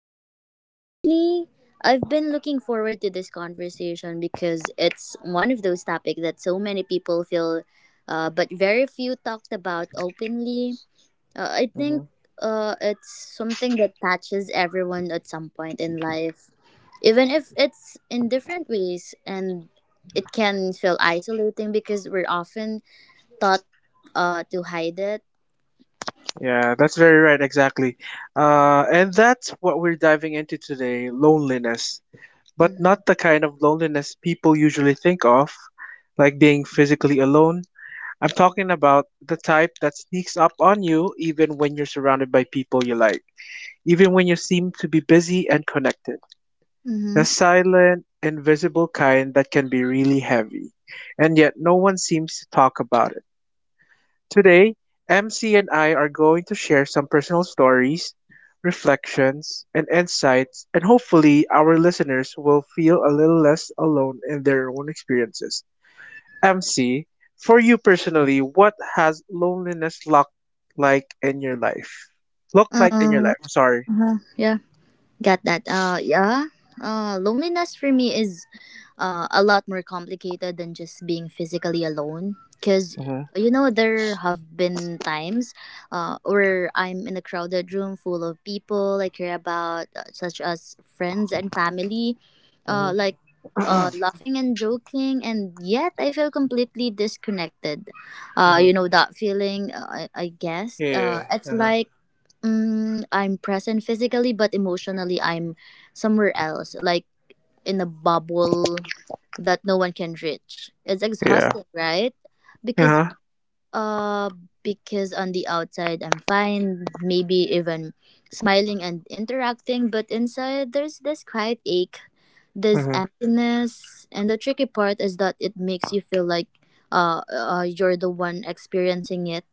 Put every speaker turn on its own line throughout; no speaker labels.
thanks. Honestly, I've been looking forward to this conversation because it's one of those topics that so many people feel, but very few talked about openly. I
Hmm
think it's something that touches everyone at some point in life, even if it's in different ways, and it can feel isolating because we're often taught, to hide it.
Yeah, that's very right, exactly. And that's what we're diving into today: loneliness, but
Mm-hmm.
not the kind of loneliness people usually think of, like being physically alone. I'm talking about the type that sneaks up on you even when you're surrounded by people you like, even when you seem to be busy and connected. The
Mm-hmm.
silent, invisible kind that can be really heavy, and yet no one seems to talk about it. Today, MC and I are going to share some personal stories, reflections, and insights, and hopefully, our listeners will feel a little less alone in their own experiences. MC, for you personally, what has loneliness like in your life? looked like in your
Uh,
life, I'm sorry.
Uh-huh. Yeah, got that. Yeah. Loneliness for me is a lot more complicated than just being physically alone. Cause
Hmm
you know there have been times, where I'm in a crowded room full of people I care about, such as friends and family, uh,
hmm
like. Laughing and joking, and yet I feel completely disconnected.
hmm
You know that feeling. I guess.
Yeah.
It's
Uh-huh.
like I'm present physically, but emotionally, I'm somewhere else, like in a bubble that no one can reach. It's
Yeah.
exhausting, right? Because
Uh-huh.
uh, because on the outside, I'm fine, maybe even smiling and interacting, but inside, there's this quiet ache, this
hmm
emptiness, and the tricky part is that it makes you feel like you're the one experiencing it,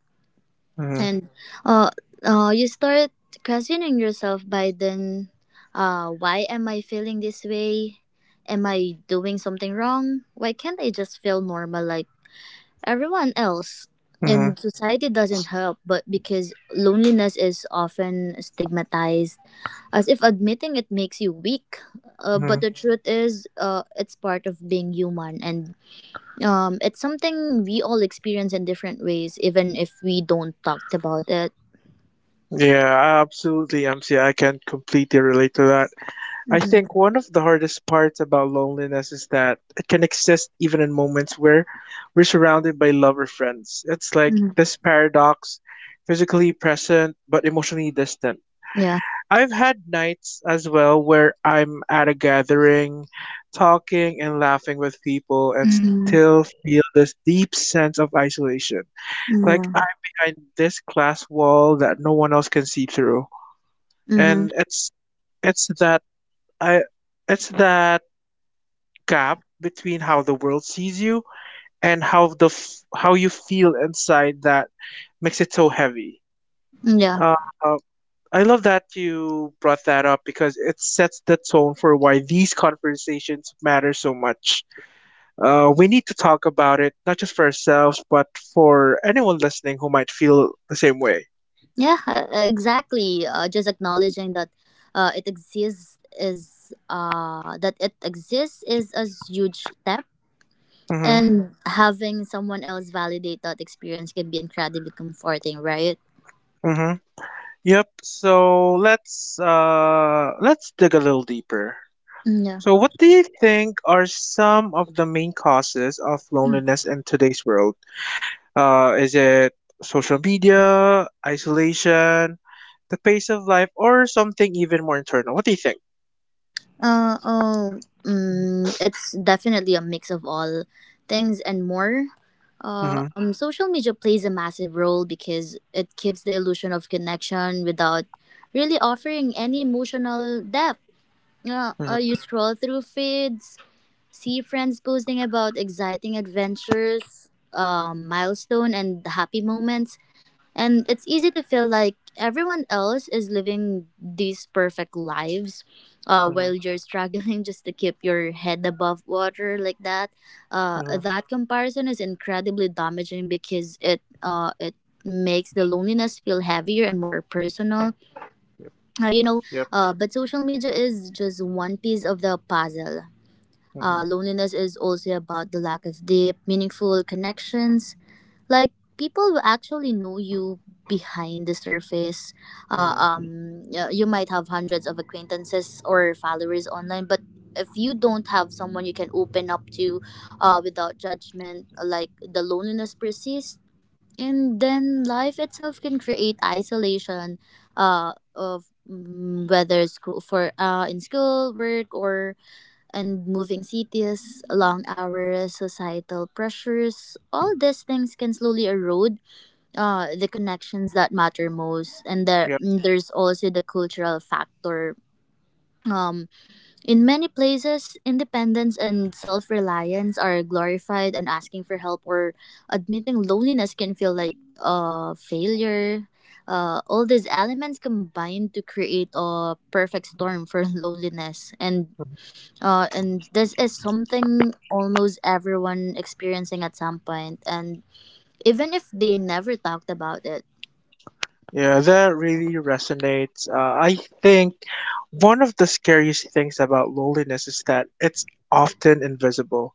hmm
and uh, you start questioning yourself by then. Why am I feeling this way? Am I doing something wrong? Why can't I just feel normal like everyone else?
hmm
And society doesn't help, but because loneliness is often stigmatized as if admitting it makes you weak. But
hmm
the truth is, it's part of being human, and it's something we all experience in different ways, even if we don't talk about it.
Yeah, absolutely, MC. I can completely relate to that. I
Mhm.
think one of the hardest parts about loneliness is that it can exist even in moments where we're surrounded by love or friends. It's like
Mhm.
this paradox, physically present but emotionally distant.
Yeah.
I've had nights as well where I'm at a gathering, talking and laughing with people and
Mhm.
still feel this deep sense of isolation. Like
Yeah.
I'm behind this glass wall that no one else can see through.
Mhm.
And it's that I it's that gap between how the world sees you and how you feel inside that makes it so heavy.
Yeah.
Um I love that you brought that up because it sets the tone for why these conversations matter so much. We need to talk about it, not just for ourselves, but for anyone listening who might feel the same way.
Yeah. Exactly. Just acknowledging that, it exists is that it exists is a huge step,
Mm-hmm.
and having someone else validate that experience can be incredibly comforting, right?
Mm-hmm. Yep. So let's dig a little deeper.
Yeah.
So, what do you think are some of the main causes of loneliness in today's world? Is it social media, isolation, the pace of life, or something even more internal? What do you think?
Uh, oh, it's definitely a mix of all things and more.
Mm-hmm.
Social media plays a massive role because it gives the illusion of connection without really offering any emotional depth.
Mm-hmm.
You scroll through feeds, see friends posting about exciting adventures, milestone, and happy moments, and it's easy to feel like everyone else is living these perfect lives,
Mm-hmm.
while you're struggling just to keep your head above water like that.
Mm-hmm.
That comparison is incredibly damaging, because it makes the loneliness feel heavier and more personal.
Yep.
You know,
Yep.
but social media is just one piece of the puzzle.
Mm-hmm.
Loneliness is also about the lack of deep, meaningful connections, like people will actually know you behind the surface.
Mm-hmm.
You might have hundreds of acquaintances or followers online, but if you don't have someone you can open up to, without judgment, like the loneliness persists. And then life itself can create isolation, whether school for in school work, or and moving cities, long hours, societal pressures, all these things can slowly erode the connections that matter most. And there,
Yep.
there's also the cultural factor. Um, in many places, independence and self reliance are glorified, and asking for help or admitting loneliness can feel like, failure. All these elements combine to create a perfect storm for loneliness, and
Mm-hmm.
and this is something almost everyone experiencing at some point, and even if they never talked about it.
Yeah, that really resonates. I think one of the scariest things about loneliness is that it's often invisible.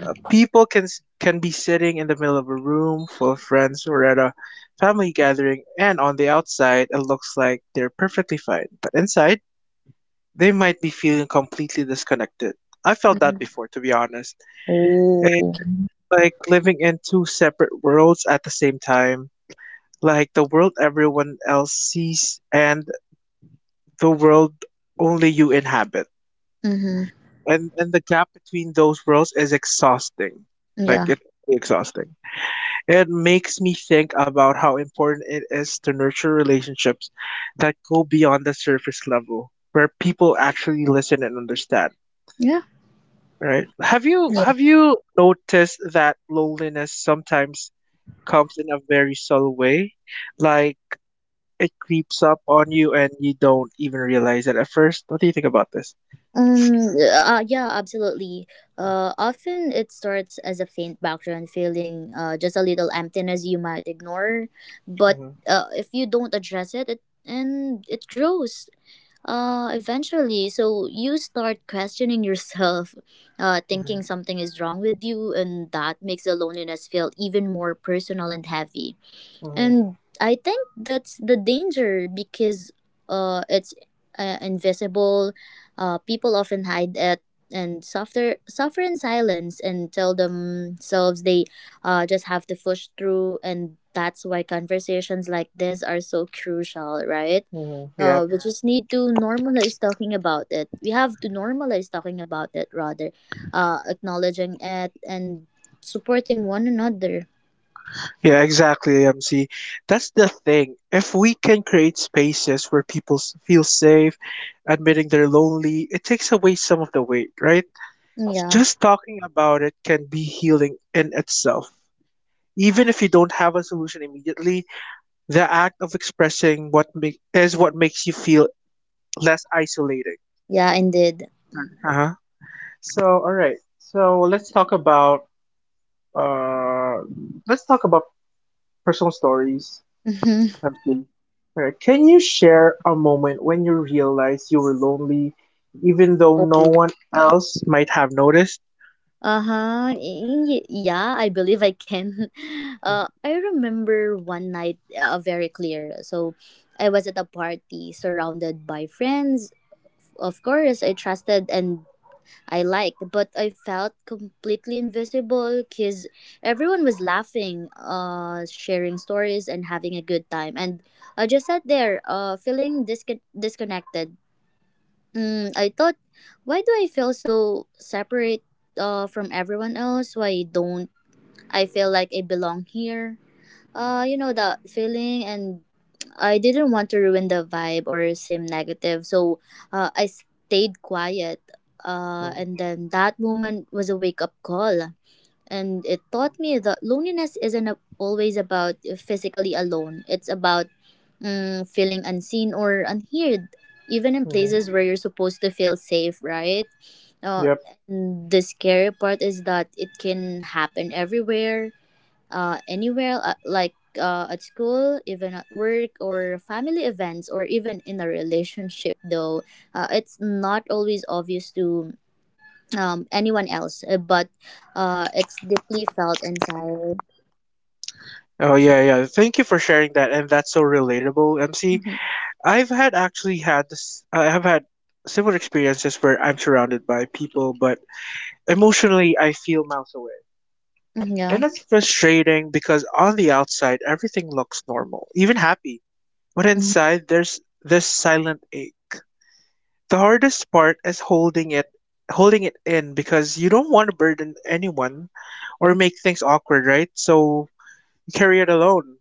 People can be sitting in the middle of a room full of friends or at a family gathering, and on the outside, it looks like they're perfectly fine. But inside, they might be feeling completely disconnected. I felt that
Mm-hmm.
before, to be honest.
Oh.
And it's like living in two separate worlds at the same time. Like the world everyone else sees and the world only you inhabit.
Mm-hmm.
And the gap between those worlds is exhausting. Like
Yeah.
it's really exhausting. It makes me think about how important it is to nurture relationships that go beyond the surface level, where people actually listen and understand.
Yeah.
Right. Have you
Yeah.
have you noticed that loneliness sometimes comes in a very subtle way? Like it creeps up on you and you don't even realize it at first. What do you think about this?
Yeah. Absolutely. Often it starts as a faint background feeling, just a little emptiness you might ignore, but,
Hmm
if you don't address it, it and it grows. Eventually, so you start questioning yourself,
hmm
thinking something is wrong with you, and that makes the loneliness feel even more personal and heavy.
hmm
And I think that's the danger, because, it's invisible. People often hide it and suffer in silence and tell themselves they, just have to push through. And that's why conversations like this are so crucial, right?
hmm Yep.
We just need to normalize talking about it. We have to normalize talking about it rather, acknowledging it and supporting one another.
Yeah, exactly, MC. That's the thing. If we can create spaces where people feel safe admitting they're lonely, it takes away some of the weight, right?
Yeah,
Just talking about it can be healing in itself. Even if you don't have a solution immediately, the act of expressing is what makes you feel less isolating.
yeah, indeed.
Right. Uh-huh. So, all right. So uh, let's talk about personal stories.
Mhm.
MC. All right. Can you share a moment when you realized you were lonely, even though no
Oh.
one else might have noticed?
Uh-huh. Yeah, I believe I can.
Hmm
I remember one night, very clear. So I was at a party surrounded by friends. Of course, I trusted and I liked, but I felt completely invisible because everyone was laughing, sharing stories, and having a good time. And I just sat there, disconnected. I thought, why do I feel so separate, from everyone else? Why don't I feel like I belong here?
hmm
You know, that feeling, and I didn't want to ruin the vibe or seem negative, so, I stayed quiet.
hmm
And then that moment was a wake up call. And it taught me that loneliness isn't always about physically alone. It's about feeling unseen or unheard, even in
hmm
places where you're supposed to feel safe, right? Uh,
Yep.
and the scary part is that it can happen everywhere, anywhere, at school, even at work, or family events, or even in a relationship, though. It's not always obvious to, anyone else, but it's deeply felt inside.
Oh yeah, yeah. Thank you for sharing that, and that's so relatable, MC.
Mhm.
I've had actually had this, I have had similar experiences where I'm surrounded by people, but emotionally I feel miles away.
Mhm,
And
yeah.
that's frustrating because on the outside everything looks normal, even happy. But
Mhm.
inside there's this silent ache. The hardest part is holding it in because you don't want to burden anyone or make things awkward, right? So you carry it alone.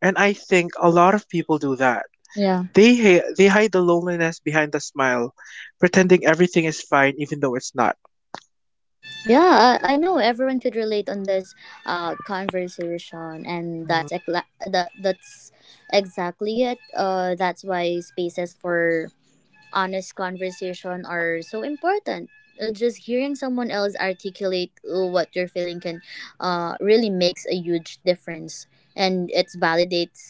And I think a lot of people do that.
Yeah.
They hide the loneliness behind the smile, pretending everything is fine even though it's not.
Yeah, I know everyone could relate on this, conversation, and that's
Hmm
ecla- that, that's exactly it. That's why spaces for honest conversation are so important. Just hearing someone else articulate, what you're feeling can, really makes a huge difference, and it validates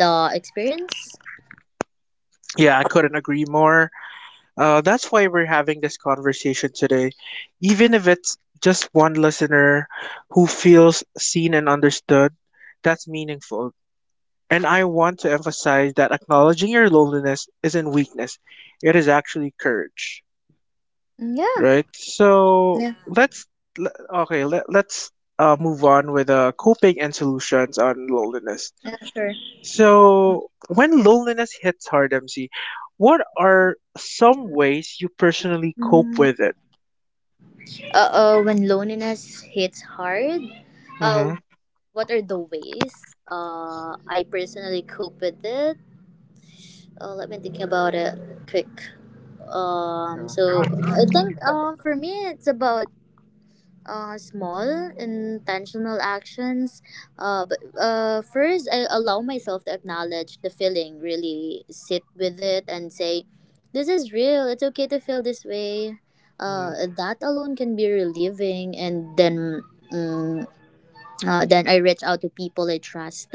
the experience.
Yeah, I couldn't agree more. That's why we're having this conversation today. Even if it's just one listener who feels seen and understood, that's meaningful. And I want to emphasize that acknowledging your loneliness isn't weakness, it is actually courage.
Yeah,
Right? So
yeah,
let's le- okay, let, let's move on with coping and solutions on loneliness.
yeah, sure.
So when loneliness hits hard, MC, what are some ways you personally cope with it?
When loneliness hits hard, uh,
Mm-hmm.
What are the ways, I personally cope with it? Let me think about it quick. Um,
Yeah. Go
so
ahead.
I
Take
think,
your time.
for me it's about, small intentional actions. But First I allow myself to acknowledge the feeling, really sit with it and say, "This is real. It's okay to feel this way." That alone can be relieving, and then I reach out to people I trust,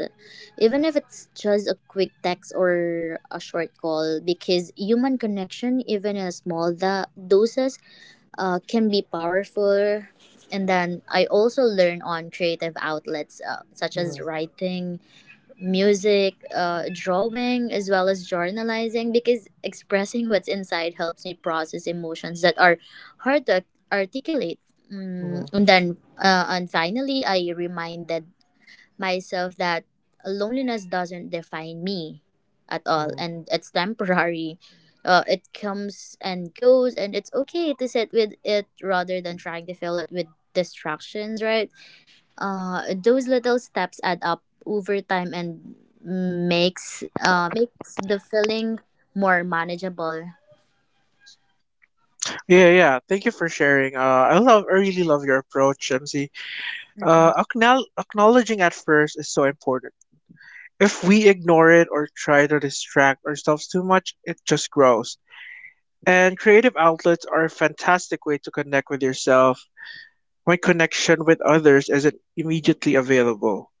even if it's just a quick text or a short call, because human connection, even in doses, can be powerful. And then I also learn on creative outlets, such as writing, music, drawing, as well as journalizing, because expressing what's inside helps me process emotions that are hard to articulate. Mm,
Mhm,
and then uh, and finally I reminded myself that loneliness doesn't define me at all,
mhm.
and it's temporary. It comes and goes, and it's okay to sit with it rather than trying to fill it with distractions, right? Those little steps add up over time and makes the feeling more manageable.
Yeah, yeah. Thank you for sharing. I really love your approach, MC.
Mhm.
Acknowledging at first is so important. If we ignore it or try to distract ourselves too much, it just grows. And creative outlets are a fantastic way to connect with yourself when connection with others isn't immediately available.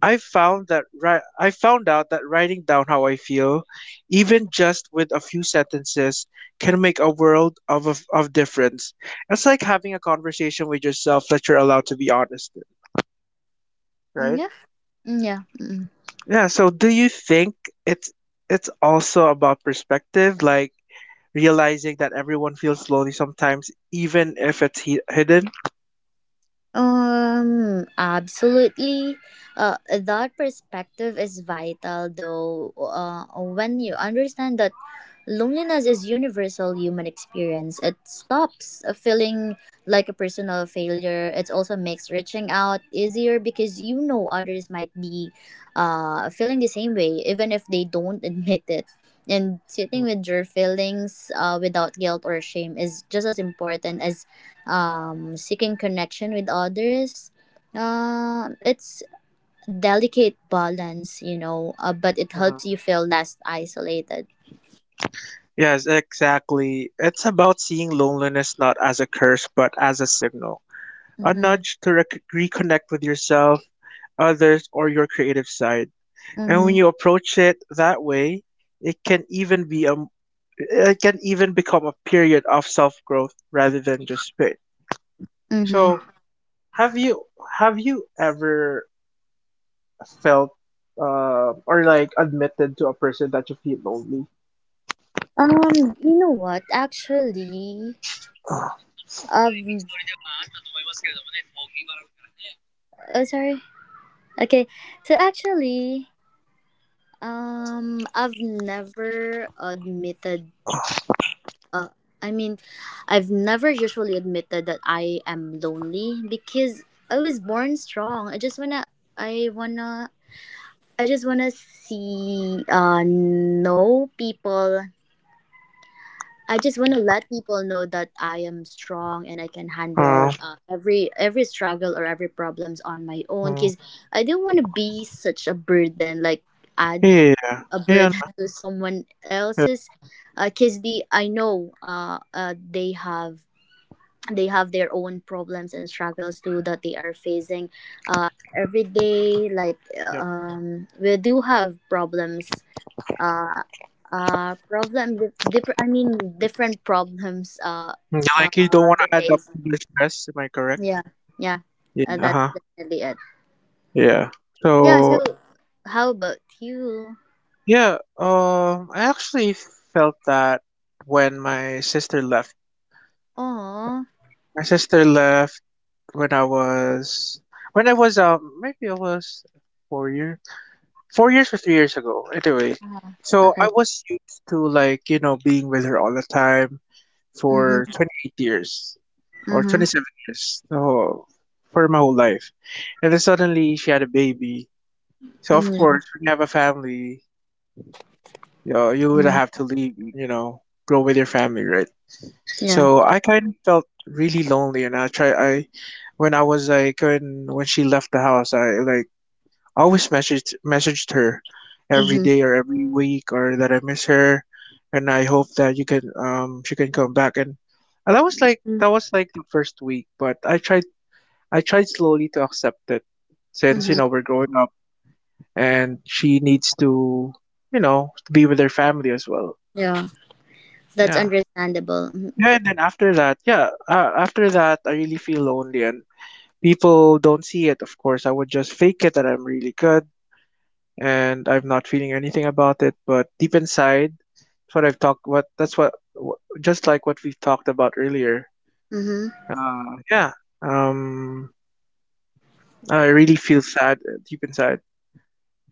I found out that writing down how I feel, even just with a few sentences, can make a world of difference. It's like having a conversation with yourself that you're allowed to be honest in,
Mm,
right?
yeah. Mm, yeah. Mm.
Yeah. So, do you think it's it's also about perspective, like realizing that everyone feels lonely sometimes, even if hidden?
Absolutely. That perspective is vital, though. When you understand that loneliness is universal human experience, it stops feeling like a personal failure. It also makes reaching out easier, because you know others might be, feeling the same way, even if they don't admit it. And sitting
Mm,
with your feelings, without guilt or shame is just as important as, seeking connection with others. It's delicate balance, you know, but it
mhm.
helps you feel less isolated.
Yes, exactly. It's about seeing loneliness not as a curse, but as a signal, a
Mm-hmm.
nudge to reconnect with yourself, others, or your creative side. And when
Mm-hmm.
you approach it that way, it can even be a it can even become a period of self growth rather than just spit.
Mm-hmm.
So have you have you ever felt or like admitted to a person that you feel lonely?
You know what? Actually, um, oh, sorry. Okay, so actually, I've never admitted. Uh, I mean, I've never usually admitted that I am lonely, because I was born strong. I just wanna I just want to see, know people. I just want to let people know that I am strong and I can handle,
Uh,
every struggle or every problems on my own. Cause
mm,
I don't want to be such a burden, like add
yeah,
a
yeah,
burden
nah,
to someone
yeah,
else's. Cause the I know, they have their own problems and struggles too that they are facing uh every day, like,
yep.
we do have problems, uh, problem. Di- different. I mean, different problems.
You, like, you don't want to
They
add up
face.
to their stress. Am I correct?
Yeah, yeah.
Yeah, uh
That's
huh,
definitely it.
yeah.
Yeah.
So
So, how about you?
yeah, I actually felt that when my sister left.
Oh,
My sister left when I was when I was, maybe I was four years, 4 years or 3 years ago. Anyway, so I
okay.
was used to, like, you know, being with her all the time
Mhm.
for 28 years or
Mhm.
27 years. So for my whole life, and then suddenly she had a baby. So of
Mm, yeah.
course, when you have a family, you would
Mm,
have to leave and, you know, grow with your family, right?
yeah.
So I kind of felt really lonely, and I try I when I was like when she left the house, I, like, I always messaged her every
Mhm.
day or every week or that I miss her, and I hope that you can she can come back. And and, that was like
Mm,
the first week, but I tried slowly to accept it since, you
Mhm.
know, we're growing up and she needs to, you know, to be with her family as well.
Yeah. That's
Yeah.
understandable. Mhm.
Yeah, and then after that, yeah, after that, I really feel lonely, and people don't see it, of course. I would just fake it that I'm really good and I'm not feeling anything about it, but deep inside, that's what I've talked. What that's what, wh- just like what we've talked about earlier.
Mhm.
Uh, yeah. Um, I really feel sad deep inside.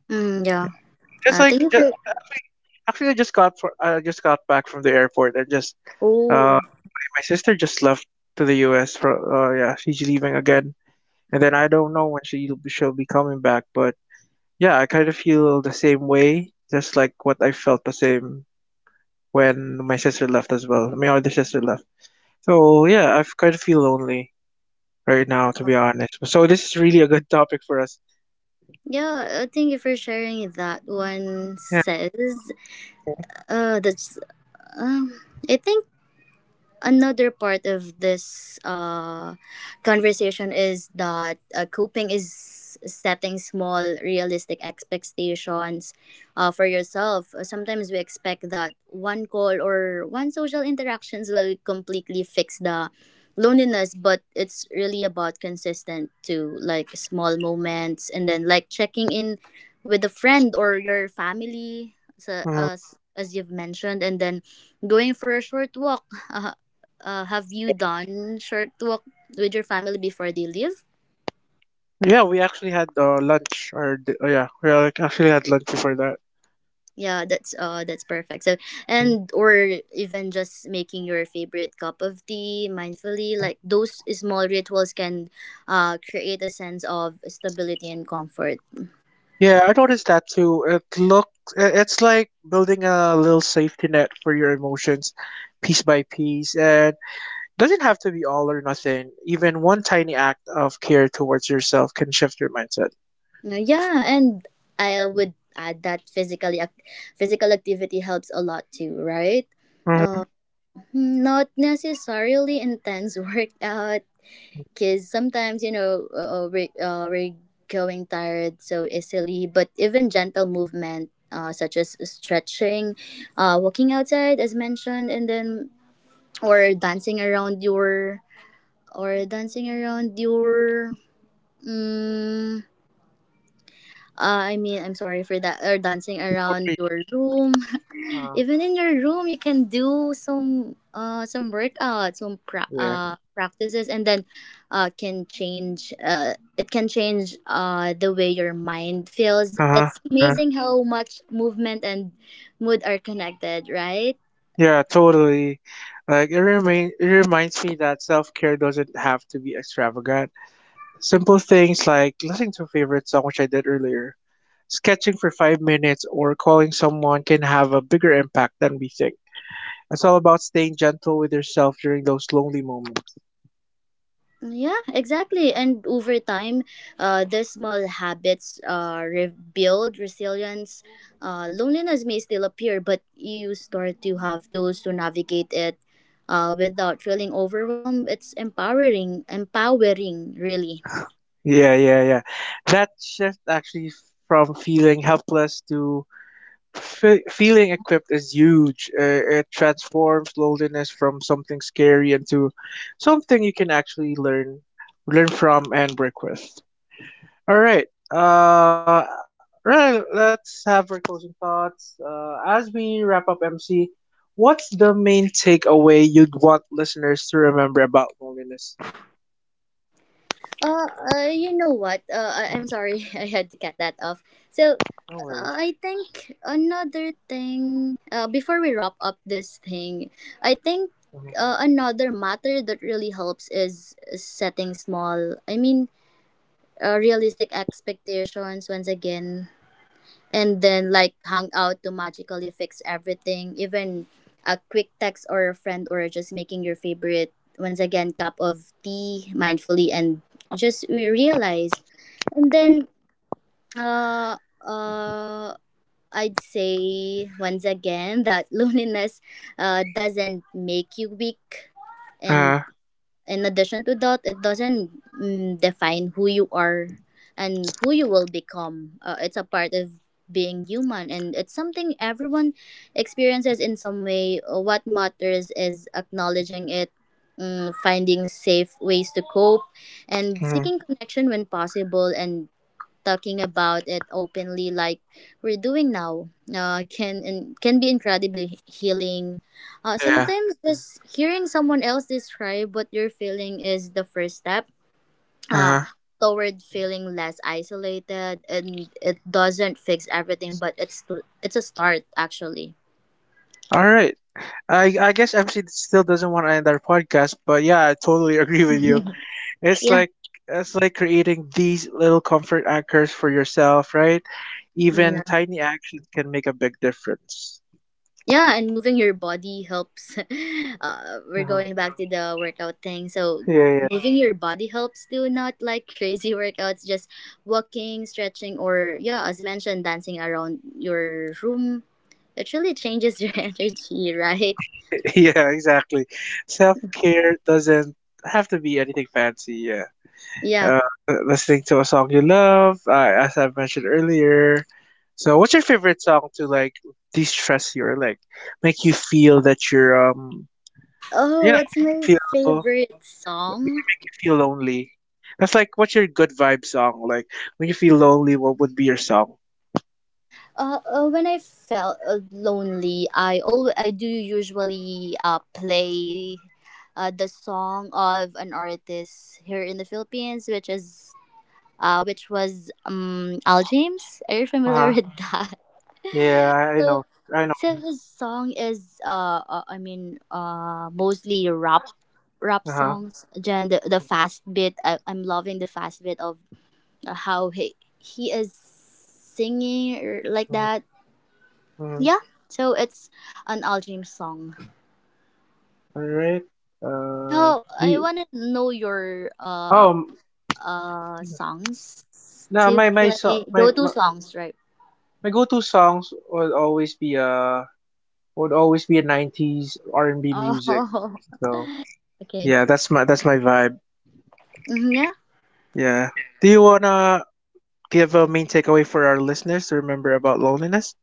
Mm, yeah.
Yeah, and just like
Thank you
just,
for.
actually, actually, I just got back from the airport, and just
Oh.
my sister just left to the U.S. for yeah, she's leaving again. And then I don't know when she'll be coming back, but yeah, I kind of feel the same way, just like what I felt the same when my sister left as well. My older sister left. So yeah, I kind of feel lonely right now, to be honest. So this is really a good topic for us.
Yeah. Thank you for sharing that one.
Yeah.
Says.
Mm-hmm.
That's. Um. I think another part of this, conversation is that, coping is setting small realistic expectations, for yourself. Sometimes we expect that one call or one social interactions will completely fix the loneliness, but it's really about consistent to like small moments and then like checking in with a friend or your family so,
Mm-hmm.
as you've mentioned, and then going for a short walk. Have you
Yeah.
done short walk with your family before they leave?
Yeah, we actually had lunch, or actually had lunch before that.
Yeah, that's perfect.
Mm-hmm.
And or even just making your favorite cup of tea mindfully,
Mm-hmm.
like those small rituals can create a sense of stability and comfort.
Yeah, I noticed that too. It looks it's like building a little safety net for your emotions piece by piece, and doesn't have to be all or nothing. Even one tiny act of care towards yourself can shift your mindset.
Yeah, and I would add that physical activity helps a lot too, right?
Mm-hmm.
Uh, Not necessarily intense workouts
mm
because sometimes we're going tired so easily, but even gentle movement, such as stretching, walking outside as mentioned, and then or dancing around your or dancing around your mm, I mean, I'm sorry for that. Or dancing
No
around
worries, no
your
worries.
room.
Uh,
Even in your room, you can do some workouts, some
yeah.
practices, and then can change it can change the way your mind feels.
Uh-huh.
It's
Uh-huh.
amazing how much movement and mood are connected, right?
Yeah, totally. Like, it reminds me that self-care doesn't have to be extravagant. Simple things like listening to a favorite song, which I did earlier, sketching for 5 minutes, or calling someone can have a bigger impact than we think. It's all about staying gentle with yourself during those lonely moments.
Yeah, exactly. And over time, the small habits rebuild resilience. Loneliness may still appear, but you start to have tools to navigate it without feeling overwhelmed. It's empowering, really.
Yeah, yeah, yeah. That shift, actually, from feeling helpless to feeling equipped is huge. It transforms loneliness from something scary into something you can actually learn from and work with. All right. Right. Let's have our closing thoughts. As we wrap up, MC, what's the main takeaway you'd want listeners to remember about loneliness?
You know what? I'm sorry, I had to cut that off. So,
No worries.
I think another thing, before we wrap up this thing, I think
Uh-huh.
another matter that really helps is setting small, realistic expectations once again, and then like hang out to magically fix everything, even a quick text or a friend, or just making your favorite once again cup of tea mindfully, and just we realize. And then uh uh i'd say once again that loneliness doesn't make you weak,
Uh,
and in addition to that, it doesn't, define who you are and who you will become. It's a part of being human, and it's something everyone experiences in some way. What matters is acknowledging it, finding safe ways to cope, and
mm,
seeking connection when possible, and talking about it openly, like we're doing now. Can be incredibly healing. Uh,
yeah.
sometimes just hearing someone else describe what you're feeling is the first step uh,
Uh-huh.
toward feeling less isolated, and it doesn't fix everything, but it's a start actually.
All right. I guess MC still doesn't want to end our podcast, but yeah, I totally agree with you. It's
Yeah.
like it's like creating these little comfort anchors for yourself, right? Even
Mm-hmm.
tiny actions can make a big difference.
Yeah, and moving your body helps. We're
Uh-huh.
going back to the workout thing. So,
Yeah, yeah,
moving your body helps, do not like crazy workouts, just walking, stretching, or yeah, as mentioned, dancing around your room. It really changes your energy, right?
yeah, exactly. Self care doesn't have to be anything fancy. Yeah,
Yeah.
listening to a song you love, as I mentioned earlier. So, what's your favorite song to, like, de-stress you, or like make you feel that you're
Oh, what's
make you
my
feel,
favorite
does
song?
it make you feel lonely? That's like, what's your good vibe song? Like, when you feel lonely, what would be your song?
When I felt lonely, I do usually play the song of an artist here in the Philippines, which is which was Al James. Are you
Uh
familiar with
huh.
that?
Yeah, I
So,
know her. I know
so
him.
his song is mostly rap
Uh
songs. Then the fast bit. I'm loving the fast bit of, how he is singing or like
huh.
that.
Hmm.
Yeah, so it's an Al James song.
Alright. Uh,
So I
the
wanna know your
Oh,
songs
now
to
my so
play,
my,
go-to
my
songs, right?
my go-to songs would always be a '90s R&B music.
Oh,
So
okay.
yeah, that's my vibe.
Mhm, yeah,
Yeah. Do you wanna give a main takeaway for our listeners to remember about loneliness?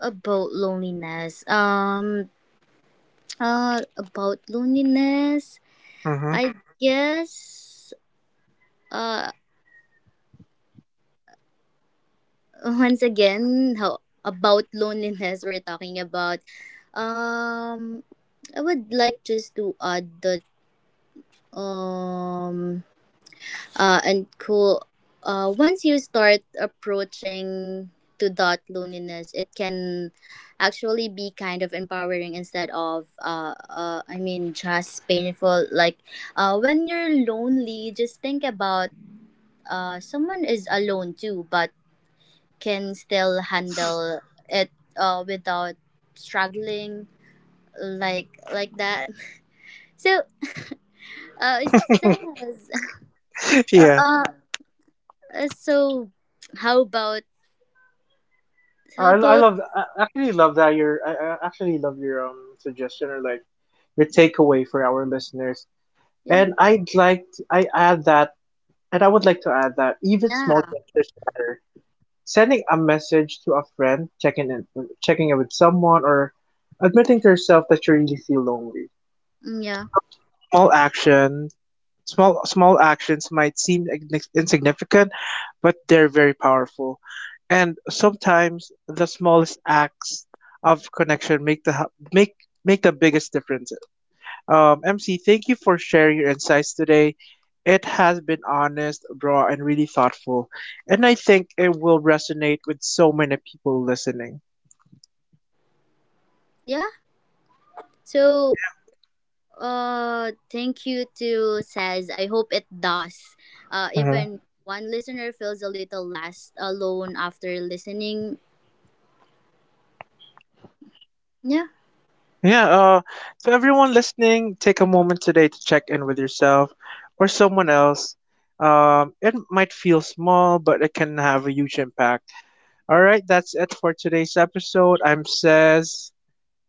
about loneliness. About loneliness.
Mm-hmm.
I guess. Uh, Once again, how about loneliness? We're talking about. Um, I would like just to add that. Um, and cool. Once you start approaching to that loneliness, it can actually be kind of empowering instead of just painful. Like when you're lonely, just think about someone is alone too, but can still handle it without struggling, like like that. So it says uh,
Yeah.
uh so how about. How
I
about.
love I actually love that your I actually love your suggestion, or like your takeaway for our listeners.
Yeah,
And I'd like to, I add that And I would like to add that even small
yeah,
gestures matter. Sending a message to a friend, checking in with someone, or admitting to yourself that you really feel lonely.
mm, yeah,
Those small actions, small small actions might seem insignificant, but they're very powerful. And sometimes the smallest acts of connection make the biggest difference. MC, thank you for sharing your insights today. It has been honest, raw, and really thoughtful. And I think it will resonate with so many people listening.
yeah. So,
Yeah.
thank you to Says. I hope it does.
hmm
Even one listener feels a little less alone after listening. Yeah.
Yeah. To everyone listening, take a moment today to check in with yourself or someone else. It might feel small, but it can have a huge impact. All right. That's it for today's episode. I'm Says.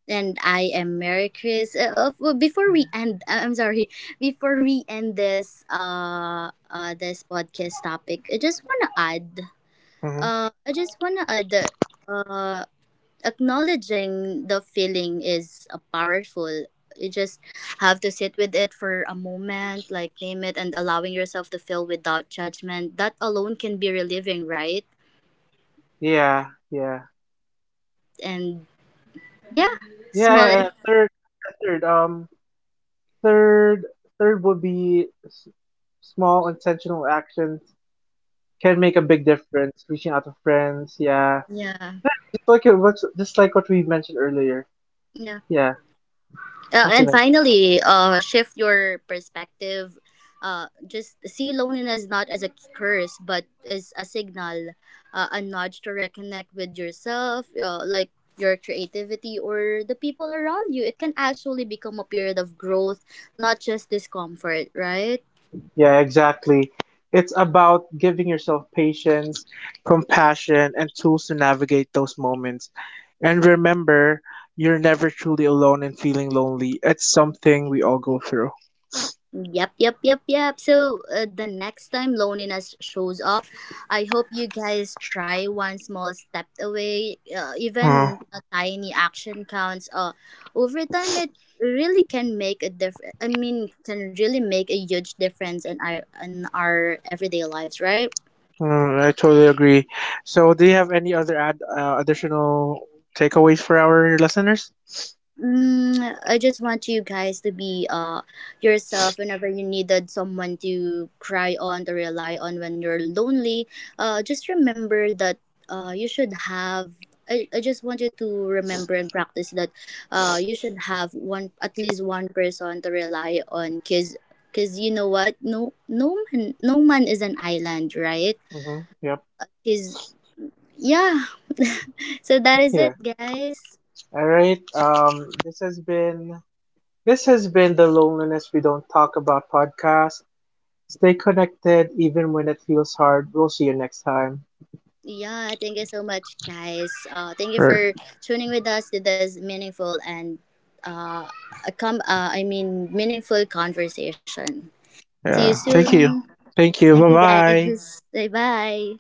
And I am Mary Chris. Well, before we end, I'm sorry. Before we end this, this podcast topic, I just wanna add.
hmm
I just wanna add. Uh, acknowledging the feeling is powerful. You just have to sit with it for a moment, like name it, and allowing yourself to feel without judgment. That alone can be relieving, right?
Yeah. Yeah.
And yeah, small and
Third. Third, Third would be small intentional actions can make a big difference. Reaching out to friends, yeah,
yeah.
yeah, just like just like what we mentioned earlier,
Yeah.
yeah, something
And
like that.
finally, shift your perspective. Just see loneliness not as a curse, but as a signal, a nudge to reconnect with yourself, like your creativity or the people around you. It can actually become a period of growth, not just discomfort, right?
Yeah, exactly. It's about giving yourself patience, compassion, and tools to navigate those moments. And remember, you're never truly alone in feeling lonely. It's something we all go through.
Yep, yep, yep, yep. So the next time loneliness shows up, I hope you guys try one small step away.
Uh,
Even a tiny action counts. Over time, it really can make a difference. Can really make a huge difference in our everyday lives, right?
Mm, I totally agree. So, do you have any other ad additional takeaways for our listeners?
Mm, I just want you guys to be yourself whenever you needed someone to cry on, to rely on when you're lonely. Just remember that you should have. I just want you to remember and practice that you should have one at least one person to rely on, cause cause you know what, no man no man is an island, right?
Mm-hmm. Yep.
Cause yeah. So that is
Yeah.
it, guys.
All right. This has been the loneliness we don't talk about podcast. Stay connected even when it feels hard. We'll see you next time.
Yeah, thank you so much, guys. Thank you
Right.
for tuning with us to this meaningful and uh, a com- I mean meaningful conversation. See you
Yeah. Thank you.
soon.
Thank you.
Thank
Bye
you,
bye.
guys. Bye bye.